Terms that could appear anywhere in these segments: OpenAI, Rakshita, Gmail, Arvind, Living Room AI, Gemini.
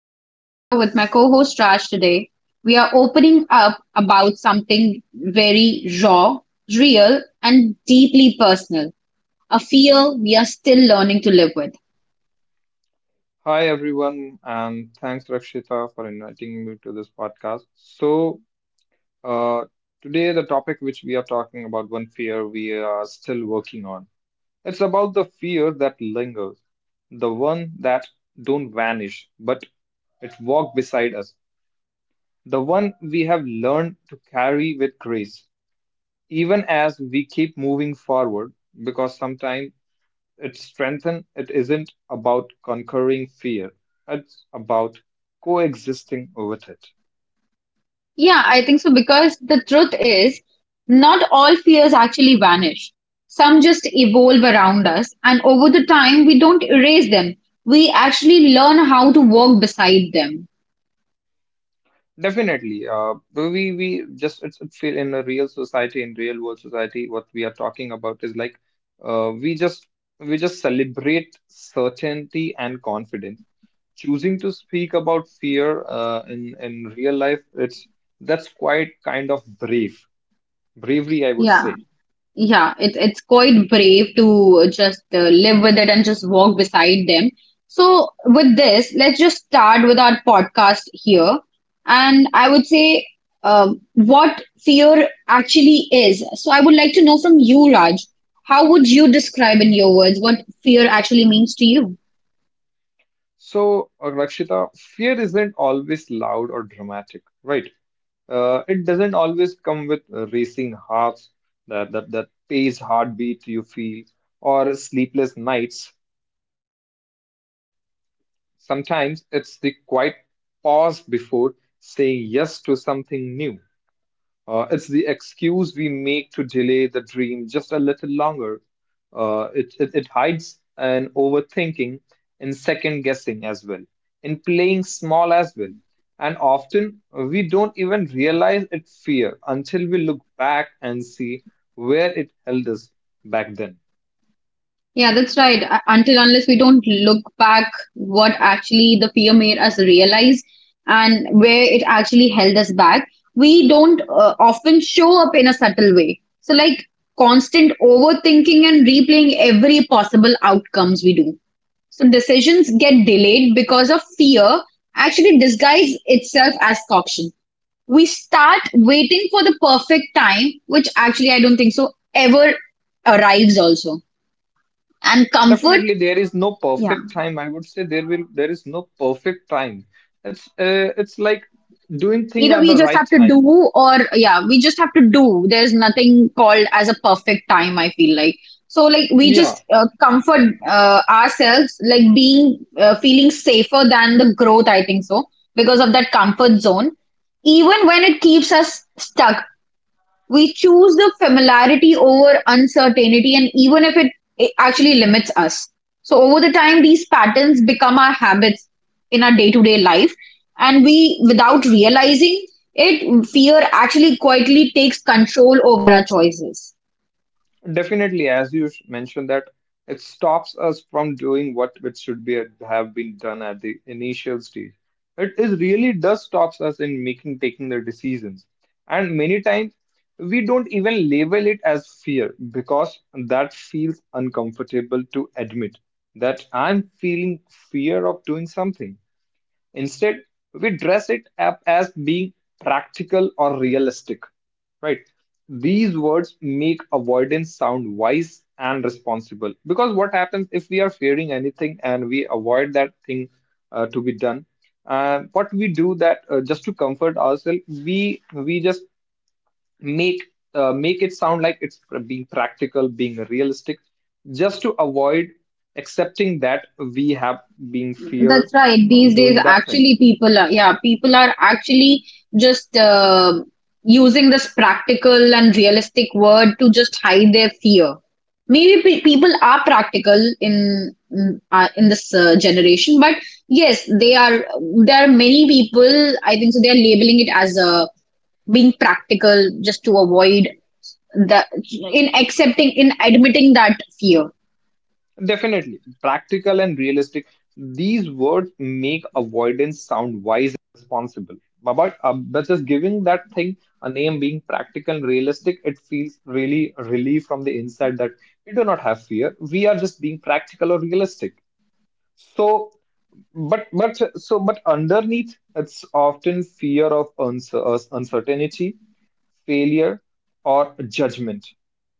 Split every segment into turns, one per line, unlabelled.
I'm Rakshita with my co-host Raj today. We are opening up about something very raw, real and deeply personal. A fear we are still learning to live with.
Hi everyone, and thanks Rakshita for inviting me to this podcast. So, uh, today the topic which we are talking about, one fear we are still working on. It's about the fear that lingers, the one that don't vanish, but it walk beside us, the one we have learned to carry with grace, even as we keep moving forward, because sometimes it's strengthen. It isn't about conquering fear. It's about coexisting with it.
Yeah, I think so, because the truth is not all fears actually vanish. Some just evolve around us and over the time we don't erase them. We actually learn how to walk beside them.
Definitely. We just it's it feel in a real society, in real world society, what we are talking about is like uh, we just we just celebrate certainty and confidence. Choosing to speak about fear in real life, it's that's quite kind of bravery, I would
Yeah.
say.
Yeah, it's quite brave to just live with it and just walk beside them. So with this, let's just start with our podcast here. And I would say, what fear actually is. So I would like to know from you, Raj, how would you describe in your words what fear actually means to you?
So, Rakshita, fear isn't always loud or dramatic, right? It doesn't always come with racing hearts, that pace heartbeat you feel, or sleepless nights. Sometimes it's the quiet pause before saying yes to something new. It's the excuse we make to delay the dream just a little longer. It hides an overthinking in second guessing as well, in playing small as well. And often we don't even realize it fear until we look back and see where it held us back then.
Yeah, that's right. Until unless we don't look back what actually the fear made us realize and where it actually held us back, we don't often show up in a subtle way. So like constant overthinking and replaying every possible outcomes we do. So decisions get delayed because of fear actually disguise itself as caution. We start waiting for the perfect time, which actually I don't think so ever arrives also, and comfort,
Definitely, there is no
yeah.
perfect time. I would say there is no perfect time. It's like doing thing
Either
at
we
the
just
right
have to
time.
do, or yeah, we just have to do. There's nothing called as a perfect time, I feel like. So like we
Yeah,
just comfort ourselves like being feeling safer than the growth, I think so, because of that comfort zone. Even when it keeps us stuck, we choose the familiarity over uncertainty, and even if it, it actually limits us. So, over the time, these patterns become our habits in our day to day life, and we, without realizing it, fear actually quietly takes control over our choices.
definitely, as you mentioned that it stops us from doing what it should be have been done at the initial stage. It is really does stops us in making taking the decisions, and many times we don't even label it as fear because that feels uncomfortable to admit that I'm feeling fear of doing something. Instead, we dress it up as being practical or realistic, right? These words make avoidance sound wise and responsible. Because what happens if we are fearing anything and we avoid that thing to be done? What we do that just to comfort ourselves, we just make make it sound like it's being practical, being realistic, just to avoid accepting that we have been feared
That's right.
from
These days,
doing that thing.
actually, people are, yeah, people are actually just using this practical and realistic word to just hide their fear. Maybe pe people are practical in in this generation, but yes, they are. There are many people. I think so. They are labeling it as being practical just to avoid that in accepting in admitting that fear.
Definitely. Practical and realistic. These words make avoidance sound wise and responsible. But just giving that thing a name being practical and realistic, it feels really relief from the inside that we do not have fear. We are just being practical or realistic. So, but so but underneath, it's often fear of uncertainty, failure, or judgment.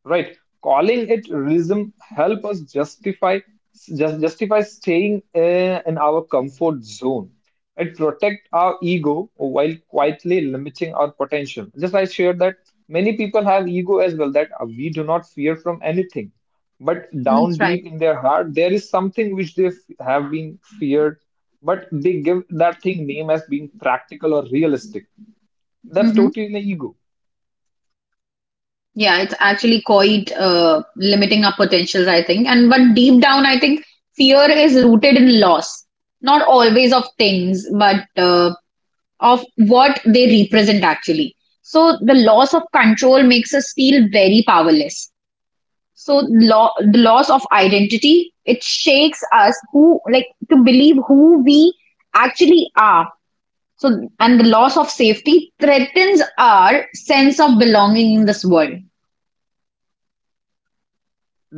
Right? Calling it realism help us just justify staying in our comfort zone. It protect our ego while quietly limiting our potential. Just I shared that many people have ego as well that we do not fear from anything, but down
That's right.
deep in their heart there is something which they have been feared, but they give that thing name as being practical or realistic. That's
Mm-hmm.
totally an ego.
Yeah, it's actually quite limiting our potentials, I think. And but deep down, I think fear is rooted in loss, not always of things, but of what they represent actually. So the loss of control makes us feel very powerless. So the loss of identity, it shakes us who like to believe who we actually are. So and the loss of safety threatens our sense of belonging in this world.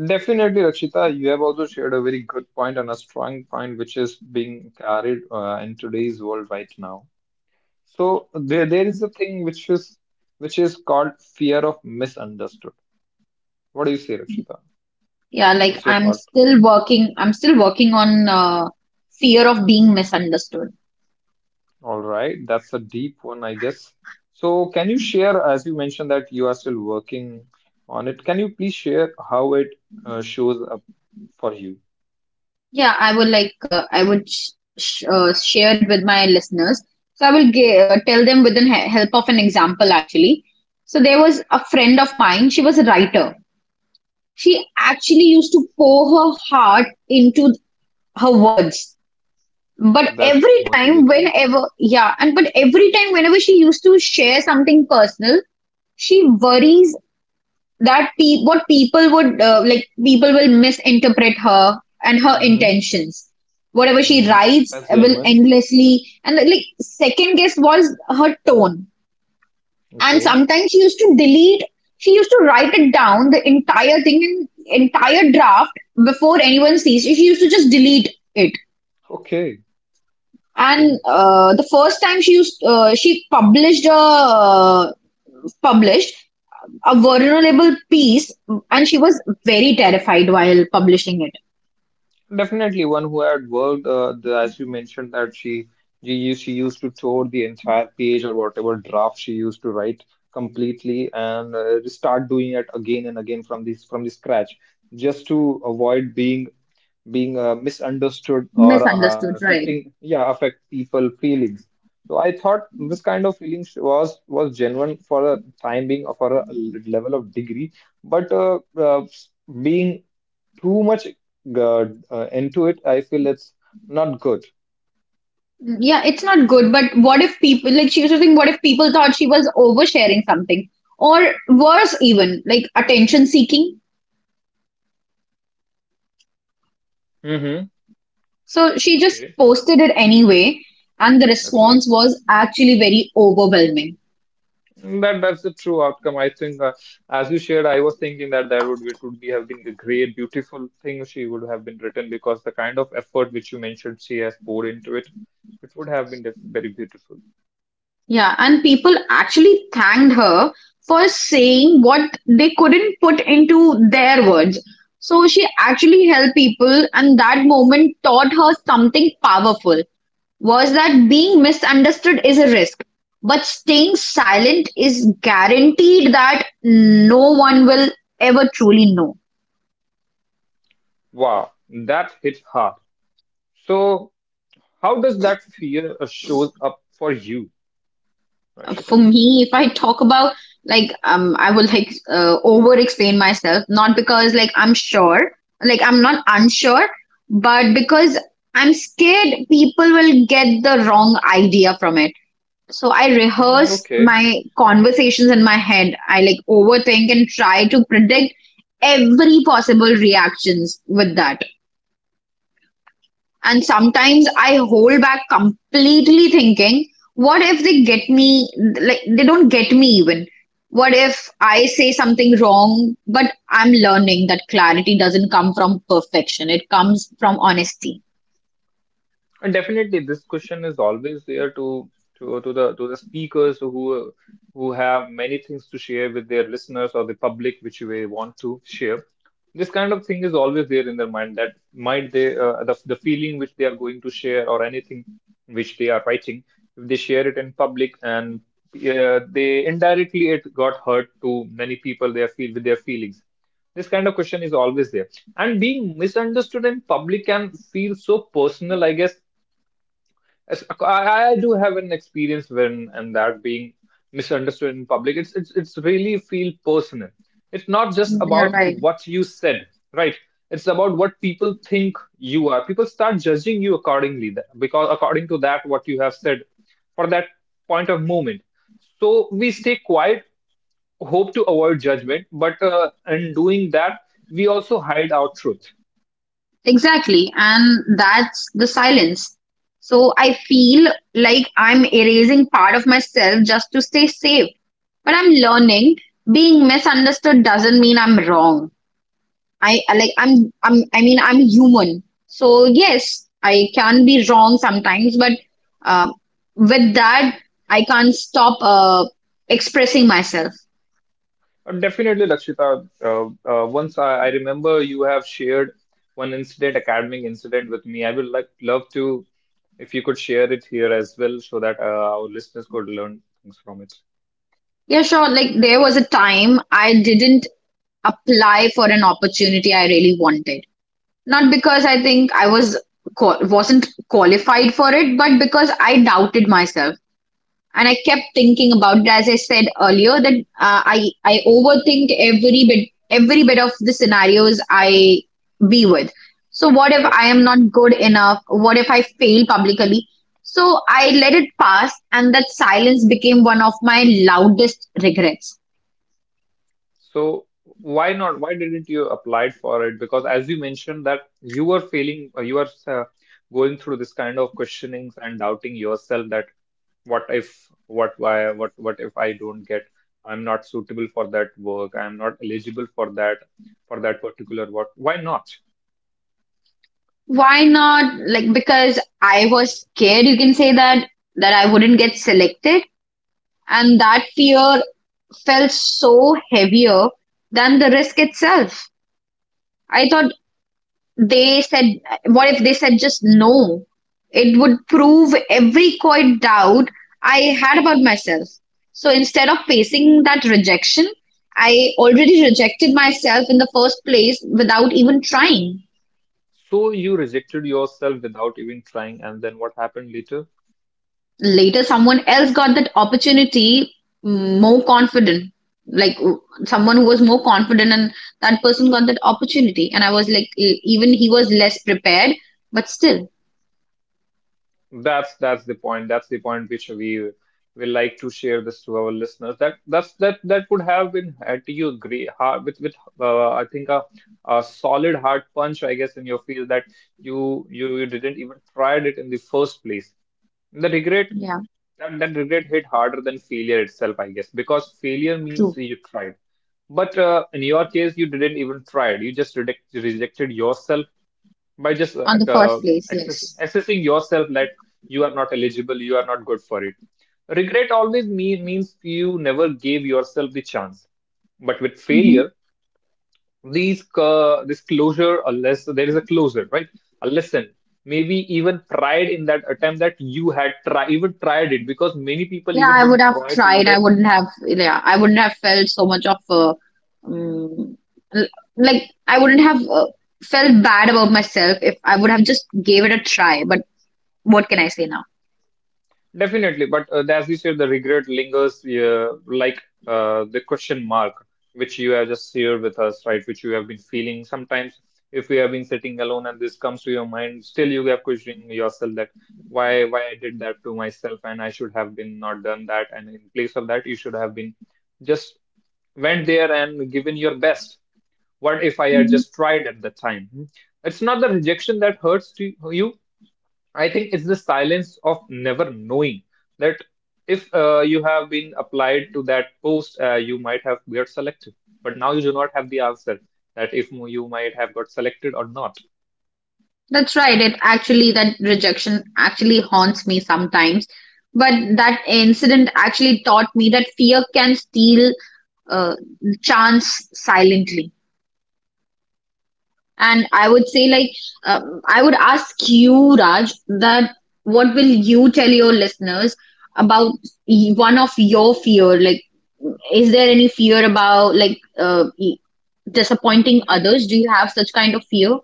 Definitely, Rakshita, you have also shared a very good point and a strong point which is being carried in today's world right now. So there is a thing which is called fear of misunderstood. What do you say, Rakshita?
Yeah, like
What's your
I'm
thought?
still working, I'm still working on fear of being misunderstood.
All right, that's a deep one, I guess. So can you share, as you mentioned that you are still working on it, can you please share how it shows up for you?
Yeah, I would like, I would sh sh share it with my listeners. So I will g tell them with the he help of an example, actually. So there was a friend of mine, she was a writer. She actually used to pour her heart into her words. But
That's very
every time,
motivated.
whenever, yeah, and but every time, whenever she used to share something personal, she worries that pe what people would people will misinterpret her and her
Mm-hmm,
intentions whatever she
mm-hmm.
writes
That's
will
genuine.
endlessly and like second guess was her tone. And
Okay.
sometimes she used to write it down the entire thing in entire draft before anyone sees, she used to just delete it.
Okay.
And
Okay.
the first time she used she published a published a vulnerable piece, and she was very terrified while publishing it.
Definitely one who had worked, as you mentioned, that she used to tore the entire page or whatever draft she used to write completely and start doing it again and again from the scratch just to avoid being misunderstood or
Misunderstood, right?
affecting yeah affect people feelings. So I thought this kind of feelings was genuine for a time being or for a level of degree, but being too much into it, I feel it's not good.
Yeah, it's not good. But what if people, like, she was just saying, what if people thought she was oversharing something, or worse even like attention seeking?
Mm-hmm.
So she just
Okay.
posted it anyway, and the
Okay.
response was actually very overwhelming.
That that's the true outcome. I think, as you shared, I was thinking that that would it would be have been a great, beautiful thing she would have been written, because the kind of effort which you mentioned she has poured into it, it would have been very beautiful.
Yeah, and people actually thanked her for saying what they couldn't put into their words. So she actually helped people, and that moment taught her something powerful, was that being misunderstood is a risk, but staying silent is guaranteed that no one will ever truly know.
Wow, that hit hard. So, how does that fear shows up for you,
For
Rakshita?
me, if I talk about, like, I will like over explain myself, not because like I'm sure, like I'm not unsure, but because I'm scared people will get the wrong idea from it. So I
Mm,
rehearse
okay.
my conversations in my head, I like overthink and try to predict every possible reactions with that. And sometimes I hold back completely thinking, what if they get me, like, they don't get me even? What if I say something wrong? But I'm learning that clarity doesn't come from perfection, it comes from honesty.
And definitely, this question is always there to the speakers who have many things to share with their listeners or the public, which they want to share. This kind of thing is always there in their mind that might they the feeling which they are going to share or anything which they are writing, if they share it in public and they indirectly it got hurt to many people they feel with their feelings. This kind of question is always there, and being misunderstood in public can feel so personal I guess. I do have an experience when and that being misunderstood in public. It's really feel personal. It's not just
You're
about
right.
what you said, right? It's about what people think you are. People start judging you accordingly because according to that what you have said for that point of moment. So we stay quiet, hope to avoid judgment, but in doing that we also hide our truth.
Exactly. And that's the silence. So I feel like I'm erasing part of myself just to stay safe. But I'm learning being misunderstood doesn't mean I'm wrong. I mean I'm human. So yes, I can be wrong sometimes, but uh, with that I can't stop expressing myself.
Definitely, Lakshita. Once I remember you have shared one incident, academic incident with me. I would like love to, if you could share it here as well, so that our listeners could learn things from it.
Yeah, sure. Like there was a time I didn't apply for an opportunity I really wanted. Not because I think wasn't qualified for it, but because I doubted myself. And I kept thinking about it, as I said earlier, that I overthink every bit of the scenarios I be with. So what if
That's
I am
all.
not good enough? What if I fail publicly? So I let it pass, and that silence became one of my loudest regrets.
So why not? Why didn't you apply for it? Because as you mentioned that you were failing, you were going through this kind of questionings and doubting yourself that what if, what why, what if I don't get? I'm not suitable for that work. I'm not eligible for that particular work. Why not?
Why not? Like, because I was scared, you can say that, that I wouldn't get selected, and that fear felt so heavier than the risk itself. I thought they said, what if they said just no? It would prove every coy doubt I had about myself. So instead of facing that rejection, I already rejected myself in the first place without even trying.
So you rejected yourself without even trying, and then what happened later?
Later, someone else got that opportunity, more confident. Like w- someone who was more confident, and that person got that opportunity. And I was like, even he was less prepared, but still,
That's the point. That's the point which we will like to share this to our listeners. That that would have been had you agree hard with I think a solid hard punch I guess in your field that you didn't even tried it in the first place. The regret
yeah,
that regret hit harder than failure itself I guess, because failure means
true.
you tried. But in your case, you didn't even try it. You just rejected yourself by just
On the first place, yes.
accessing yourself that you are not eligible, you are not good for it. Regret always means you never gave yourself the chance. But with
Hmm.
failure, these this closure, unless there is a closure, right? A lesson, maybe even pride in that attempt that you had try, even tried it, because many people
Yeah,
even
I would
don't
have
try to do
tried.
that.
I wouldn't have felt so much of um, l- like I wouldn't have felt bad about myself if I would have just gave it a try. But what can I say now?
Definitely, but as you said, the regret lingers like the question mark which you have just shared with us, right? Which you have been feeling. Sometimes, if you have been sitting alone and this comes to your mind, still you have questioning yourself that why I did that to myself and I should have been not done that. And in place of that, you should have been just went there and given your best. What if I had
Hmm.
just tried at the time? Hmm? It's not the rejection that hurts to you. I think it's the silence of never knowing that if you have been applied to that post, you might have got selected, but now you do not have the answer that if you might have got selected or not.
That's right. It actually, that rejection actually haunts me sometimes. But that incident actually taught me that fear can steal uh, chance silently. And I would say, like, I would ask you, Raj, that what will you tell your listeners about one of your fear? Like, is there any fear about like disappointing
Yeah,
others? Do you have such kind of fear?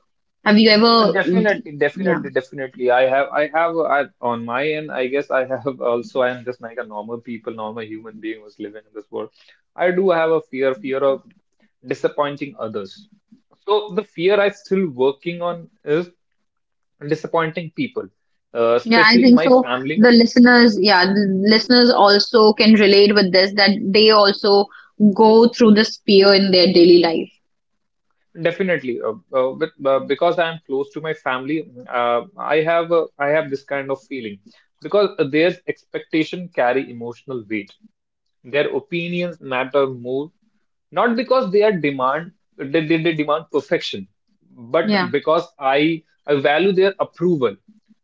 Have you ever?
definitely,
Yeah,
definitely. On my end, I guess I have also. I am just like a normal people, normal human being who's living in this world. I do have a fear, fear of disappointing others. So the fear I still working on is and disappointing people,
yeah, I
especially
think
my
so. The
family.
listeners, yeah, the listeners also can relate with this, that they also go through this fear in their daily life.
Definitely, because I am close to my family, I have this kind of feeling because their expectation carry emotional weight. Their opinions matter more, not because they demand perfection, but
Yeah.
because I value their approval.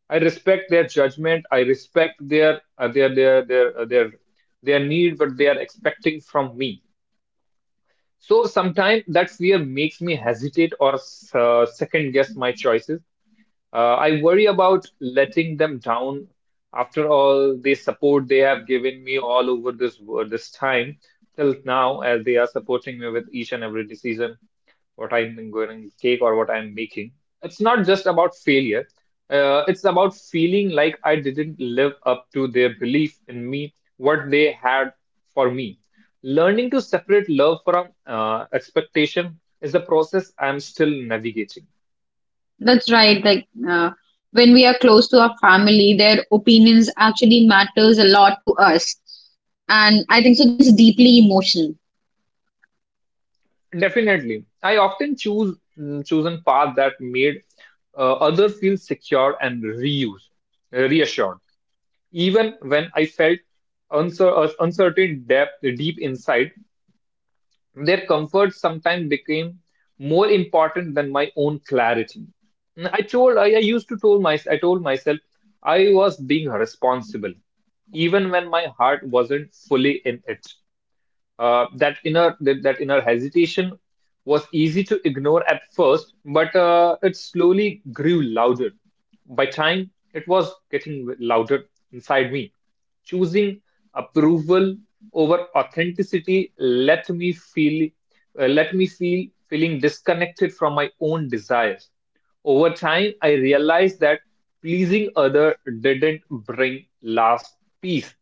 I respect their judgment. I respect their their need, what they are expecting from me. So sometimes that fear makes me hesitate or second guess my choices. I worry about letting them down. After all, the support they have given me all over this time till now, as they are supporting me with each and every decision what I'm going to take or what I'm making. It's not just about failure. It's about feeling like I didn't live up to their belief in me, what they had for me. Learning to separate love from expectation is a process I'm still navigating.
That's right. Like when we are close to our family, their opinions actually matters a lot to us. And I think so that's deeply emotional.
Definitely, I often chosen path that made other feel secure and reassured, even when I felt uncertain depth deep inside. Their comfort sometimes became more important than my own clarity. And I used to told my, I told myself I was being responsible, even when my heart wasn't fully in it. That inner hesitation was easy to ignore at first, but it slowly grew louder. By time, it was getting louder inside me. Choosing approval over authenticity let me feel feeling disconnected from my own desires. Over time, I realized that pleasing other didn't bring last peace.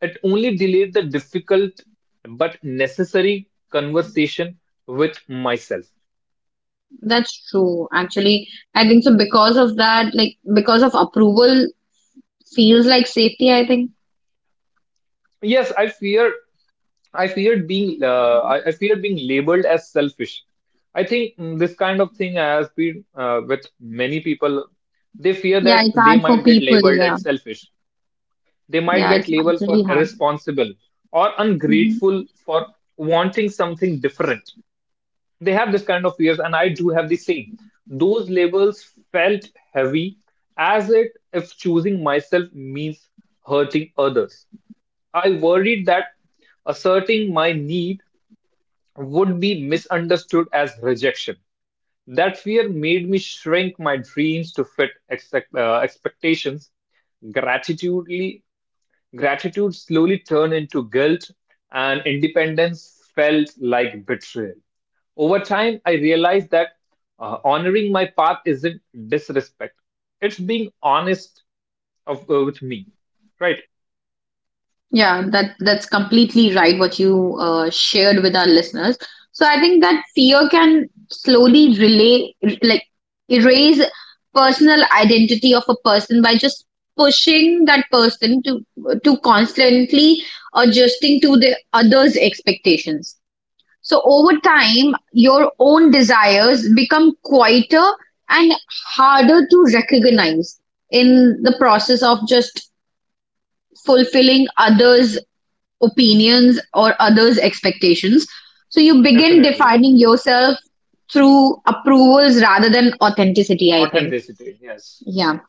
It only delayed the difficult but necessary conversation with myself.
That's true, actually. I think so, because of that, like because of approval feels like safety, I think.
Yes, I fear. I feared being. I feared being labeled as selfish. I think this kind of thing has been with many people. They fear
Yeah,
that
it's
they
hard for
might get
people.
labeled
Yeah.
as selfish. They might
Yeah,
get
it's
labeled for
really hard.
irresponsible or
Mm-hmm.
ungrateful for wanting something different. They have this kind of fears, and I do have the same. Those labels felt heavy, as it if choosing myself means hurting others. I worried that asserting my need would be misunderstood as rejection. That fear made me shrink my dreams to fit expectations. Gratitude Gratitude slowly turned into guilt, and independence felt like betrayal. Over time, I realized that honoring my path isn't disrespect, it's being honest with me, right?
Yeah, that that's completely right what you shared with our listeners. So I think that fear can slowly relay, like erase personal identity of a person by just pushing that person to constantly adjusting to the others' expectations. So over time, your own desires become quieter and harder to recognize in the process of just fulfilling others' opinions or others' expectations. So you begin
Definitely.
defining yourself through approvals rather than authenticity, I think.
Authenticity, yes.
Yeah.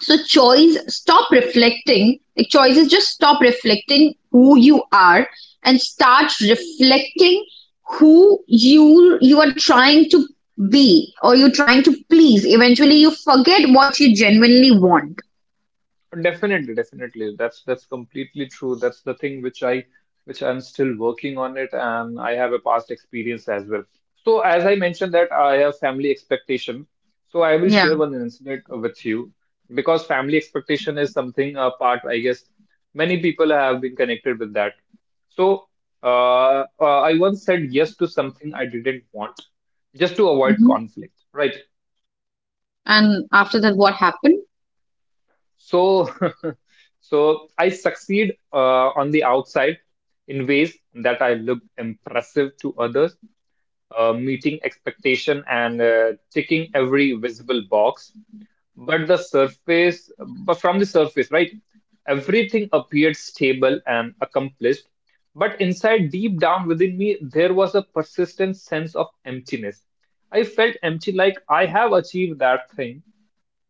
So choice, stop reflecting. Like choices, just stop reflecting who you are and start reflecting who you are trying to be or you're trying to please. Eventually, you forget what you genuinely want.
Definitely, definitely. That's completely true. That's the thing which I'm still working on it, and I have a past experience as well. So as I mentioned that I have family expectation, so I will
Yeah.
share one incident with you because family expectation is something a part I guess many people have been connected with that. So uh, I once said yes to something I didn't want just to avoid
Hmm.
conflict, right?
And after that, what happened?
So, I succeed on the outside in ways that I looked impressive to others, meeting expectation and ticking every visible box. But from the surface, right, everything appeared stable and accomplished. But inside, deep down within me, there was a persistent sense of emptiness. I felt empty, like I have achieved that thing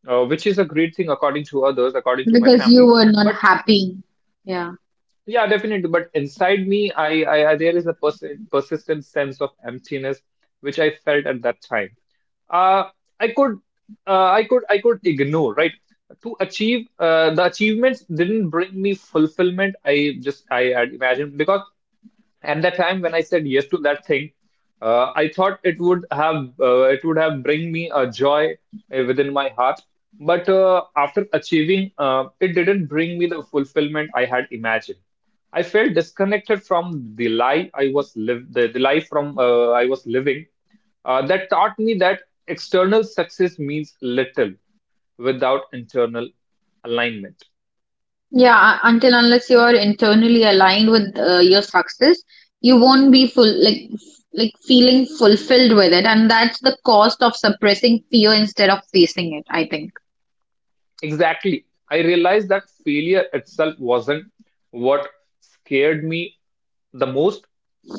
which is a great thing according to others, according to my
Because you
family.
were not
But
happy. Yeah.
yeah, definitely. But inside me, I there is a persistent sense of emptiness which I felt at that time. Uh, I could, I could ignore, right? The achievements didn't bring me fulfillment. I had imagined because at that time, when I said yes to that thing, I thought it would have bring me a joy within my heart. But after achieving, it didn't bring me the fulfillment I had imagined. I felt disconnected from the lie I was live the life from I was living. That taught me that external success means little without internal alignment.
Yeah, until unless you are internally aligned with your success, you won't be like feeling fulfilled with it, and that's the cost of suppressing fear instead of facing it, I think.
Exactly. I realized that failure itself wasn't what scared me the most.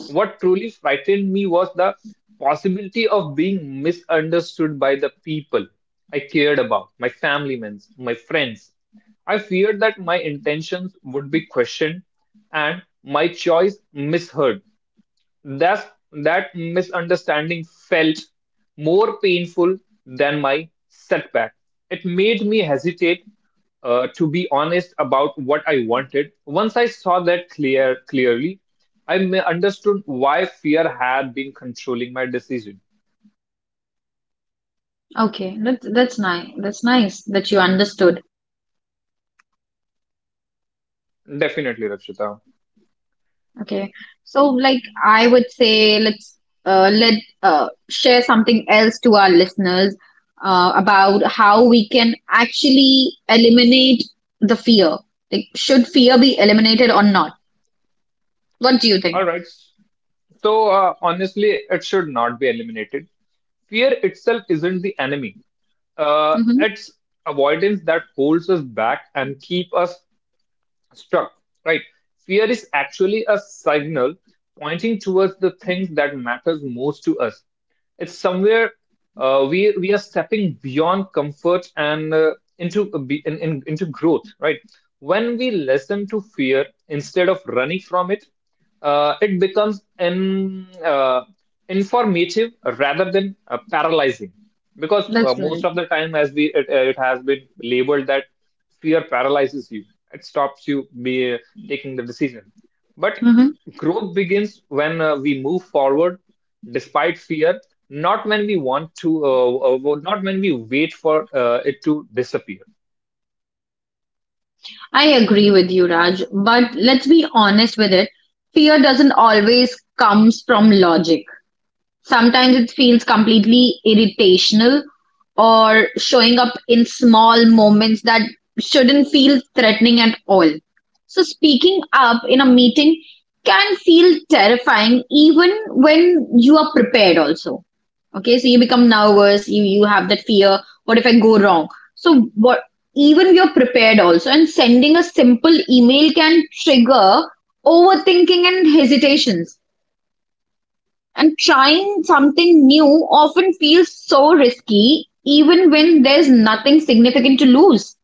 What truly frightened me was the possibility of being misunderstood by the people I cared about, my family members, my friends. I feared that my intentions would be questioned and my choice misheard. That's, that misunderstanding felt more painful than my setback. It made me hesitate to be honest about what I wanted. Once I saw that clearly, I understood why fear had been controlling my decision.
Okay, that's nice. That's nice that you understood.
Definitely, Rakshita.
Okay. So like I would say, let's let share something else to our listeners about how we can actually eliminate the fear. Like should fear be eliminated or not? What do you
All
think?
right. So honestly, it should not be eliminated. Fear itself isn't the enemy. Uh,
Mm-hmm.
it's avoidance that holds us back and keep us struck, right? Fear is actually a signal pointing towards the things that matters most to us. It's somewhere we are stepping beyond comfort and into a be- in, into growth, right? When we listen to fear instead of running from it, it becomes informative rather than paralyzing because
That's
most
right.
of the time as it has been labeled that fear paralyzes you, it stops you be taking the decision, but
Mm-hmm.
growth begins when we move forward despite fear, not when we want to not when we wait for it to disappear.
I agree with you, Raj, but let's be honest with it. Fear doesn't always comes from logic. Sometimes it feels completely irritational or showing up in small moments that shouldn't feel threatening at all. So speaking up in a meeting can feel terrifying even when you are prepared also. Okay, so you become nervous, you have that fear, what if I go wrong? So what even you are prepared also and sending a simple email can trigger overthinking and hesitations and trying something new often feels so risky, even when there's nothing significant to lose.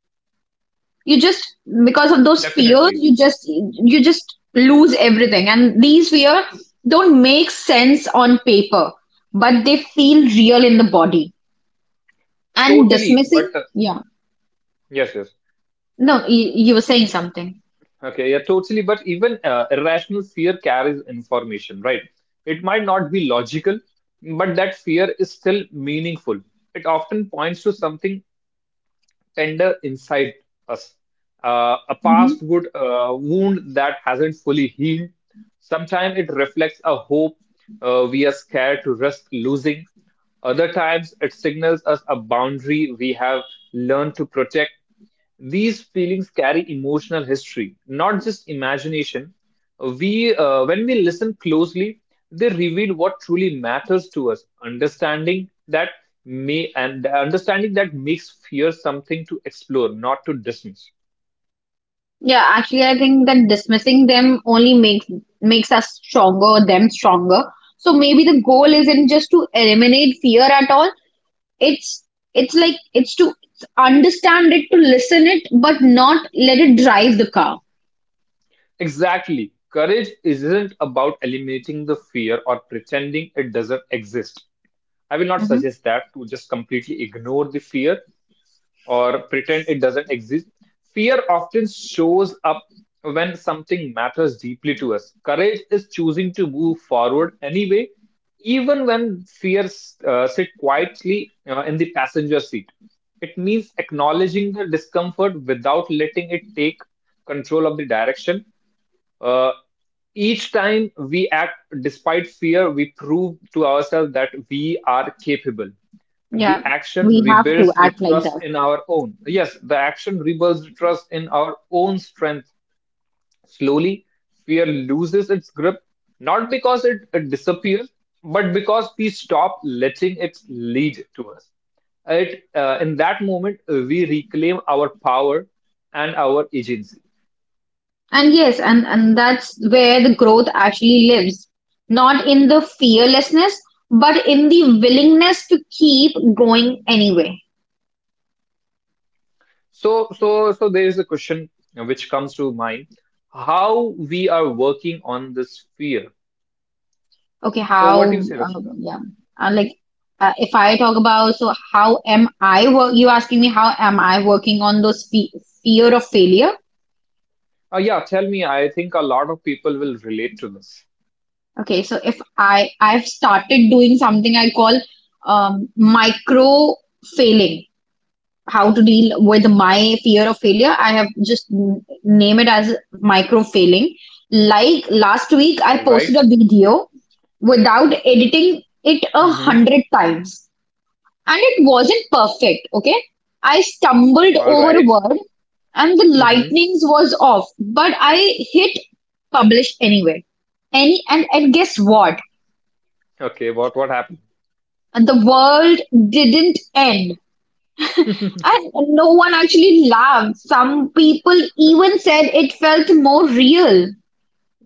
You just, because of those fears,
Definitely.
you just lose everything. And these fears don't make sense on paper, but they feel real in the body. And
Totally, but
dismissing, yeah.
yes, yes.
No, you were saying something.
Okay, yeah, totally. But even irrational fear carries information, right? It might not be logical, but that fear is still meaningful. It often points to something tender inside us, a past wound that hasn't fully healed. Sometimes it reflects a hope we are scared to risk losing. Other times, it signals us a boundary we have learned to protect. These feelings carry emotional history, not just imagination. When we listen closely, they reveal what truly matters to us. Understanding that may and the understanding that makes fear something to explore, not to dismiss.
Yeah, actually, I think that dismissing them only makes us stronger, them stronger. So maybe the goal isn't just to eliminate fear at all. It's it's to understand it, to listen it, but not let it drive the car.
Exactly. Courage isn't about eliminating the fear or pretending it doesn't exist. I will not
Hmm.
suggest that to just completely ignore the fear or pretend it doesn't exist. Fear often shows up when something matters deeply to us. Courage is choosing to move forward anyway, even when fears sit quietly in the passenger seat. It means acknowledging the discomfort without letting it take control of the direction uh, each time we act despite fear, we prove to ourselves that we are capable. And
Yeah,
the action
we have to
rebuilds the
act like
trust
that.
in our own. Yes, the action rebuilds the trust in our own strength. Slowly, fear loses its grip, not because it disappears, but because we stop letting it lead to us. In that moment, we reclaim our power and our agency.
And yes, and that's where the growth actually lives, not in the fearlessness, but in the willingness to keep going anyway.
So there is a question which comes to mind: how we are working on this fear.
Okay,
So, what do you
how,
say, Rakshita?
yeah. And like, if I talk about, so how am I work, you asking me how am I working on those fe fear of failure?
Yeah, tell me. I think a lot of people will relate to this.
Okay, so if I, I've started doing something I call micro failing, how to deal with my fear of failure. I have just name it as micro failing. Like last week, I
All right.
posted a video without editing it a
Mm-hmm.
hundred times. And it wasn't perfect, okay? I stumbled
All
over a
right.
word and the
Mm-hmm.
lightnings was off, but I hit publish anyway. And guess what?
Okay. What happened?
And the world didn't end. And no one actually laughed. Some people even said it felt more real.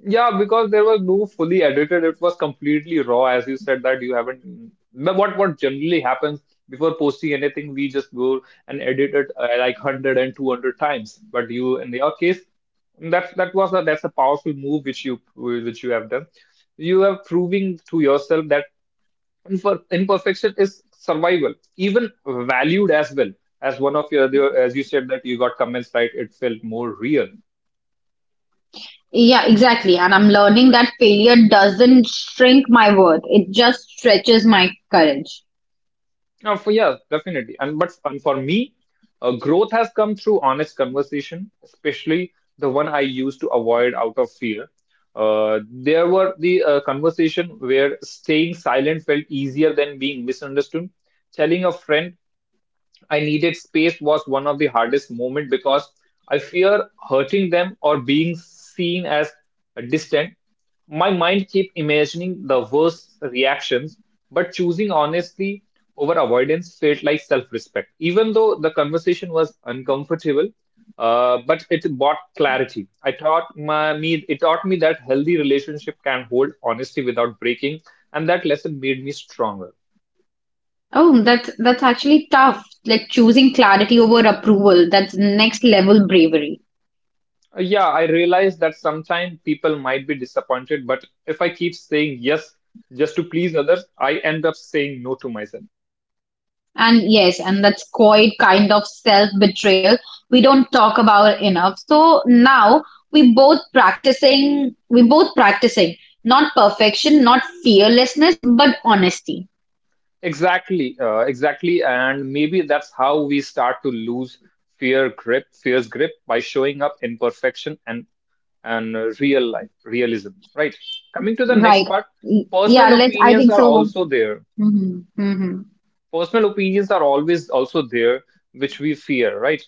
Yeah, because there was no fully edited, it was completely raw, as you said that you haven't. But what generally happens before posting anything, we just go and edit it like 100 and 200 times. But you, in your case, that's a powerful move which you have done. You are proving to yourself that imperfection is survival, even valued as well as one of your as you said that you got comments right, it felt more real.
Yeah, exactly. And I'm learning that failure doesn't shrink my worth, it just stretches my courage.
Yeah, definitely. And for me, growth has come through honest conversation, especially the one I used to avoid out of fear. There were the conversation where staying silent felt easier than being misunderstood. Telling a friend I needed space was one of the hardest moments because I fear hurting them or being seen as distant. My mind kept imagining the worst reactions, but choosing honestly over avoidance felt like self-respect. Even though the conversation was uncomfortable, but it brought clarity. I taught my, me it taught me that healthy relationship can hold honesty without breaking, and that lesson made me stronger.
Oh, that's actually tough. Like choosing clarity over approval. That's next level bravery.
Yeah, I realize that sometimes people might be disappointed, but if I keep saying yes just to please others, I end up saying no to myself.
And yes, and that's quite kind of self-betrayal we don't talk about enough. So now we both practicing not perfection, not fearlessness, but honesty.
Exactly, exactly. And maybe that's how we start to lose fear's grip by showing up imperfection and real life, realism, right? Coming to the next
Right.
part,
Yeah,
personal
let's I
opinions
think
are
so.
also there.
Hmm. Hmm.
Personal opinions are always also there, which we fear, right?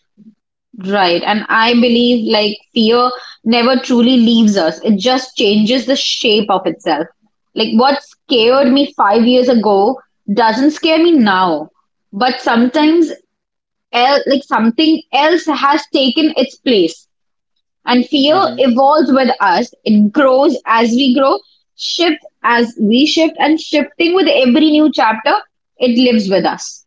Right. And I believe like fear never truly leaves us. It just changes the shape of itself. Like what
Mm-hmm.
scared me 5 years ago doesn't scare me now. But sometimes el like something else has taken its place. And fear
Mm-hmm.
evolves with us. It grows as we grow, shift as we shift, and shifting with every new chapter, it lives with us.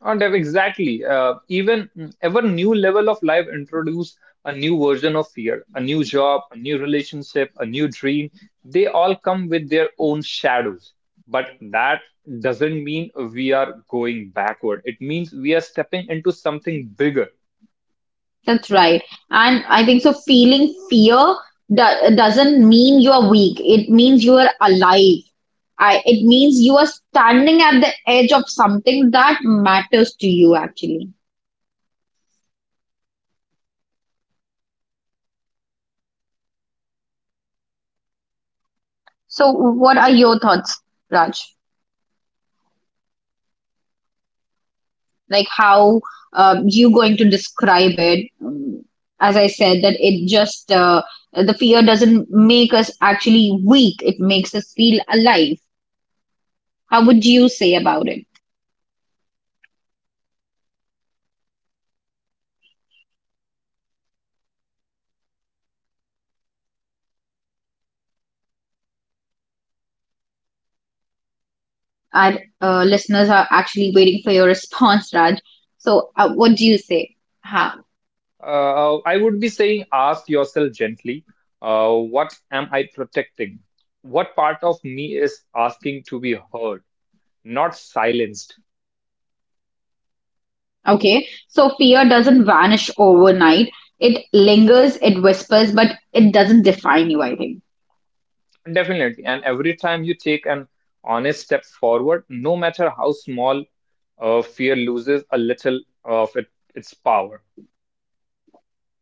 Oh, Dev, exactly. Ever new level of life introduce a new version of fear, a new job, a new relationship, a new dream. They all come with their own shadows. But that doesn't mean we are going backward. It means we are stepping into something bigger.
That's right. And I think so feeling fear doesn't mean you are weak. It means you are alive. It means you are standing at the edge of something that matters to you, actually. So, what are your thoughts, Raj? Like, how you going to describe it? As I said, that it just the fear doesn't make us actually weak. It makes us feel alive. How would you say about it? Our listeners are actually waiting for your response, Raj. So, what do you say? Ha.
I would be saying, ask yourself gently, what am I protecting? What part of me is asking to be heard, not silenced?
Okay. So, fear doesn't vanish overnight. It lingers, it whispers, but it doesn't define you, I think.
Definitely. And every time you take an honest step forward, no matter how small, fear loses a little of its power.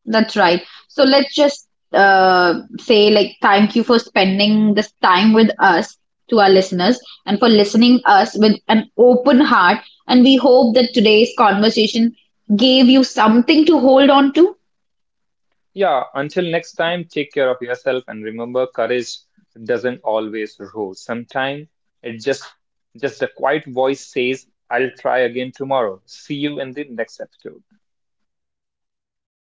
That's right. So, let's just say, like, thank you for spending this time with us, to our listeners, and for listening us with an open heart. And we hope that today's conversation gave you something to hold on to
Yeah, until next time, take care of yourself and remember courage doesn't always roar. Sometimes it just a quiet voice says, I'll try again tomorrow. See you in the next episode.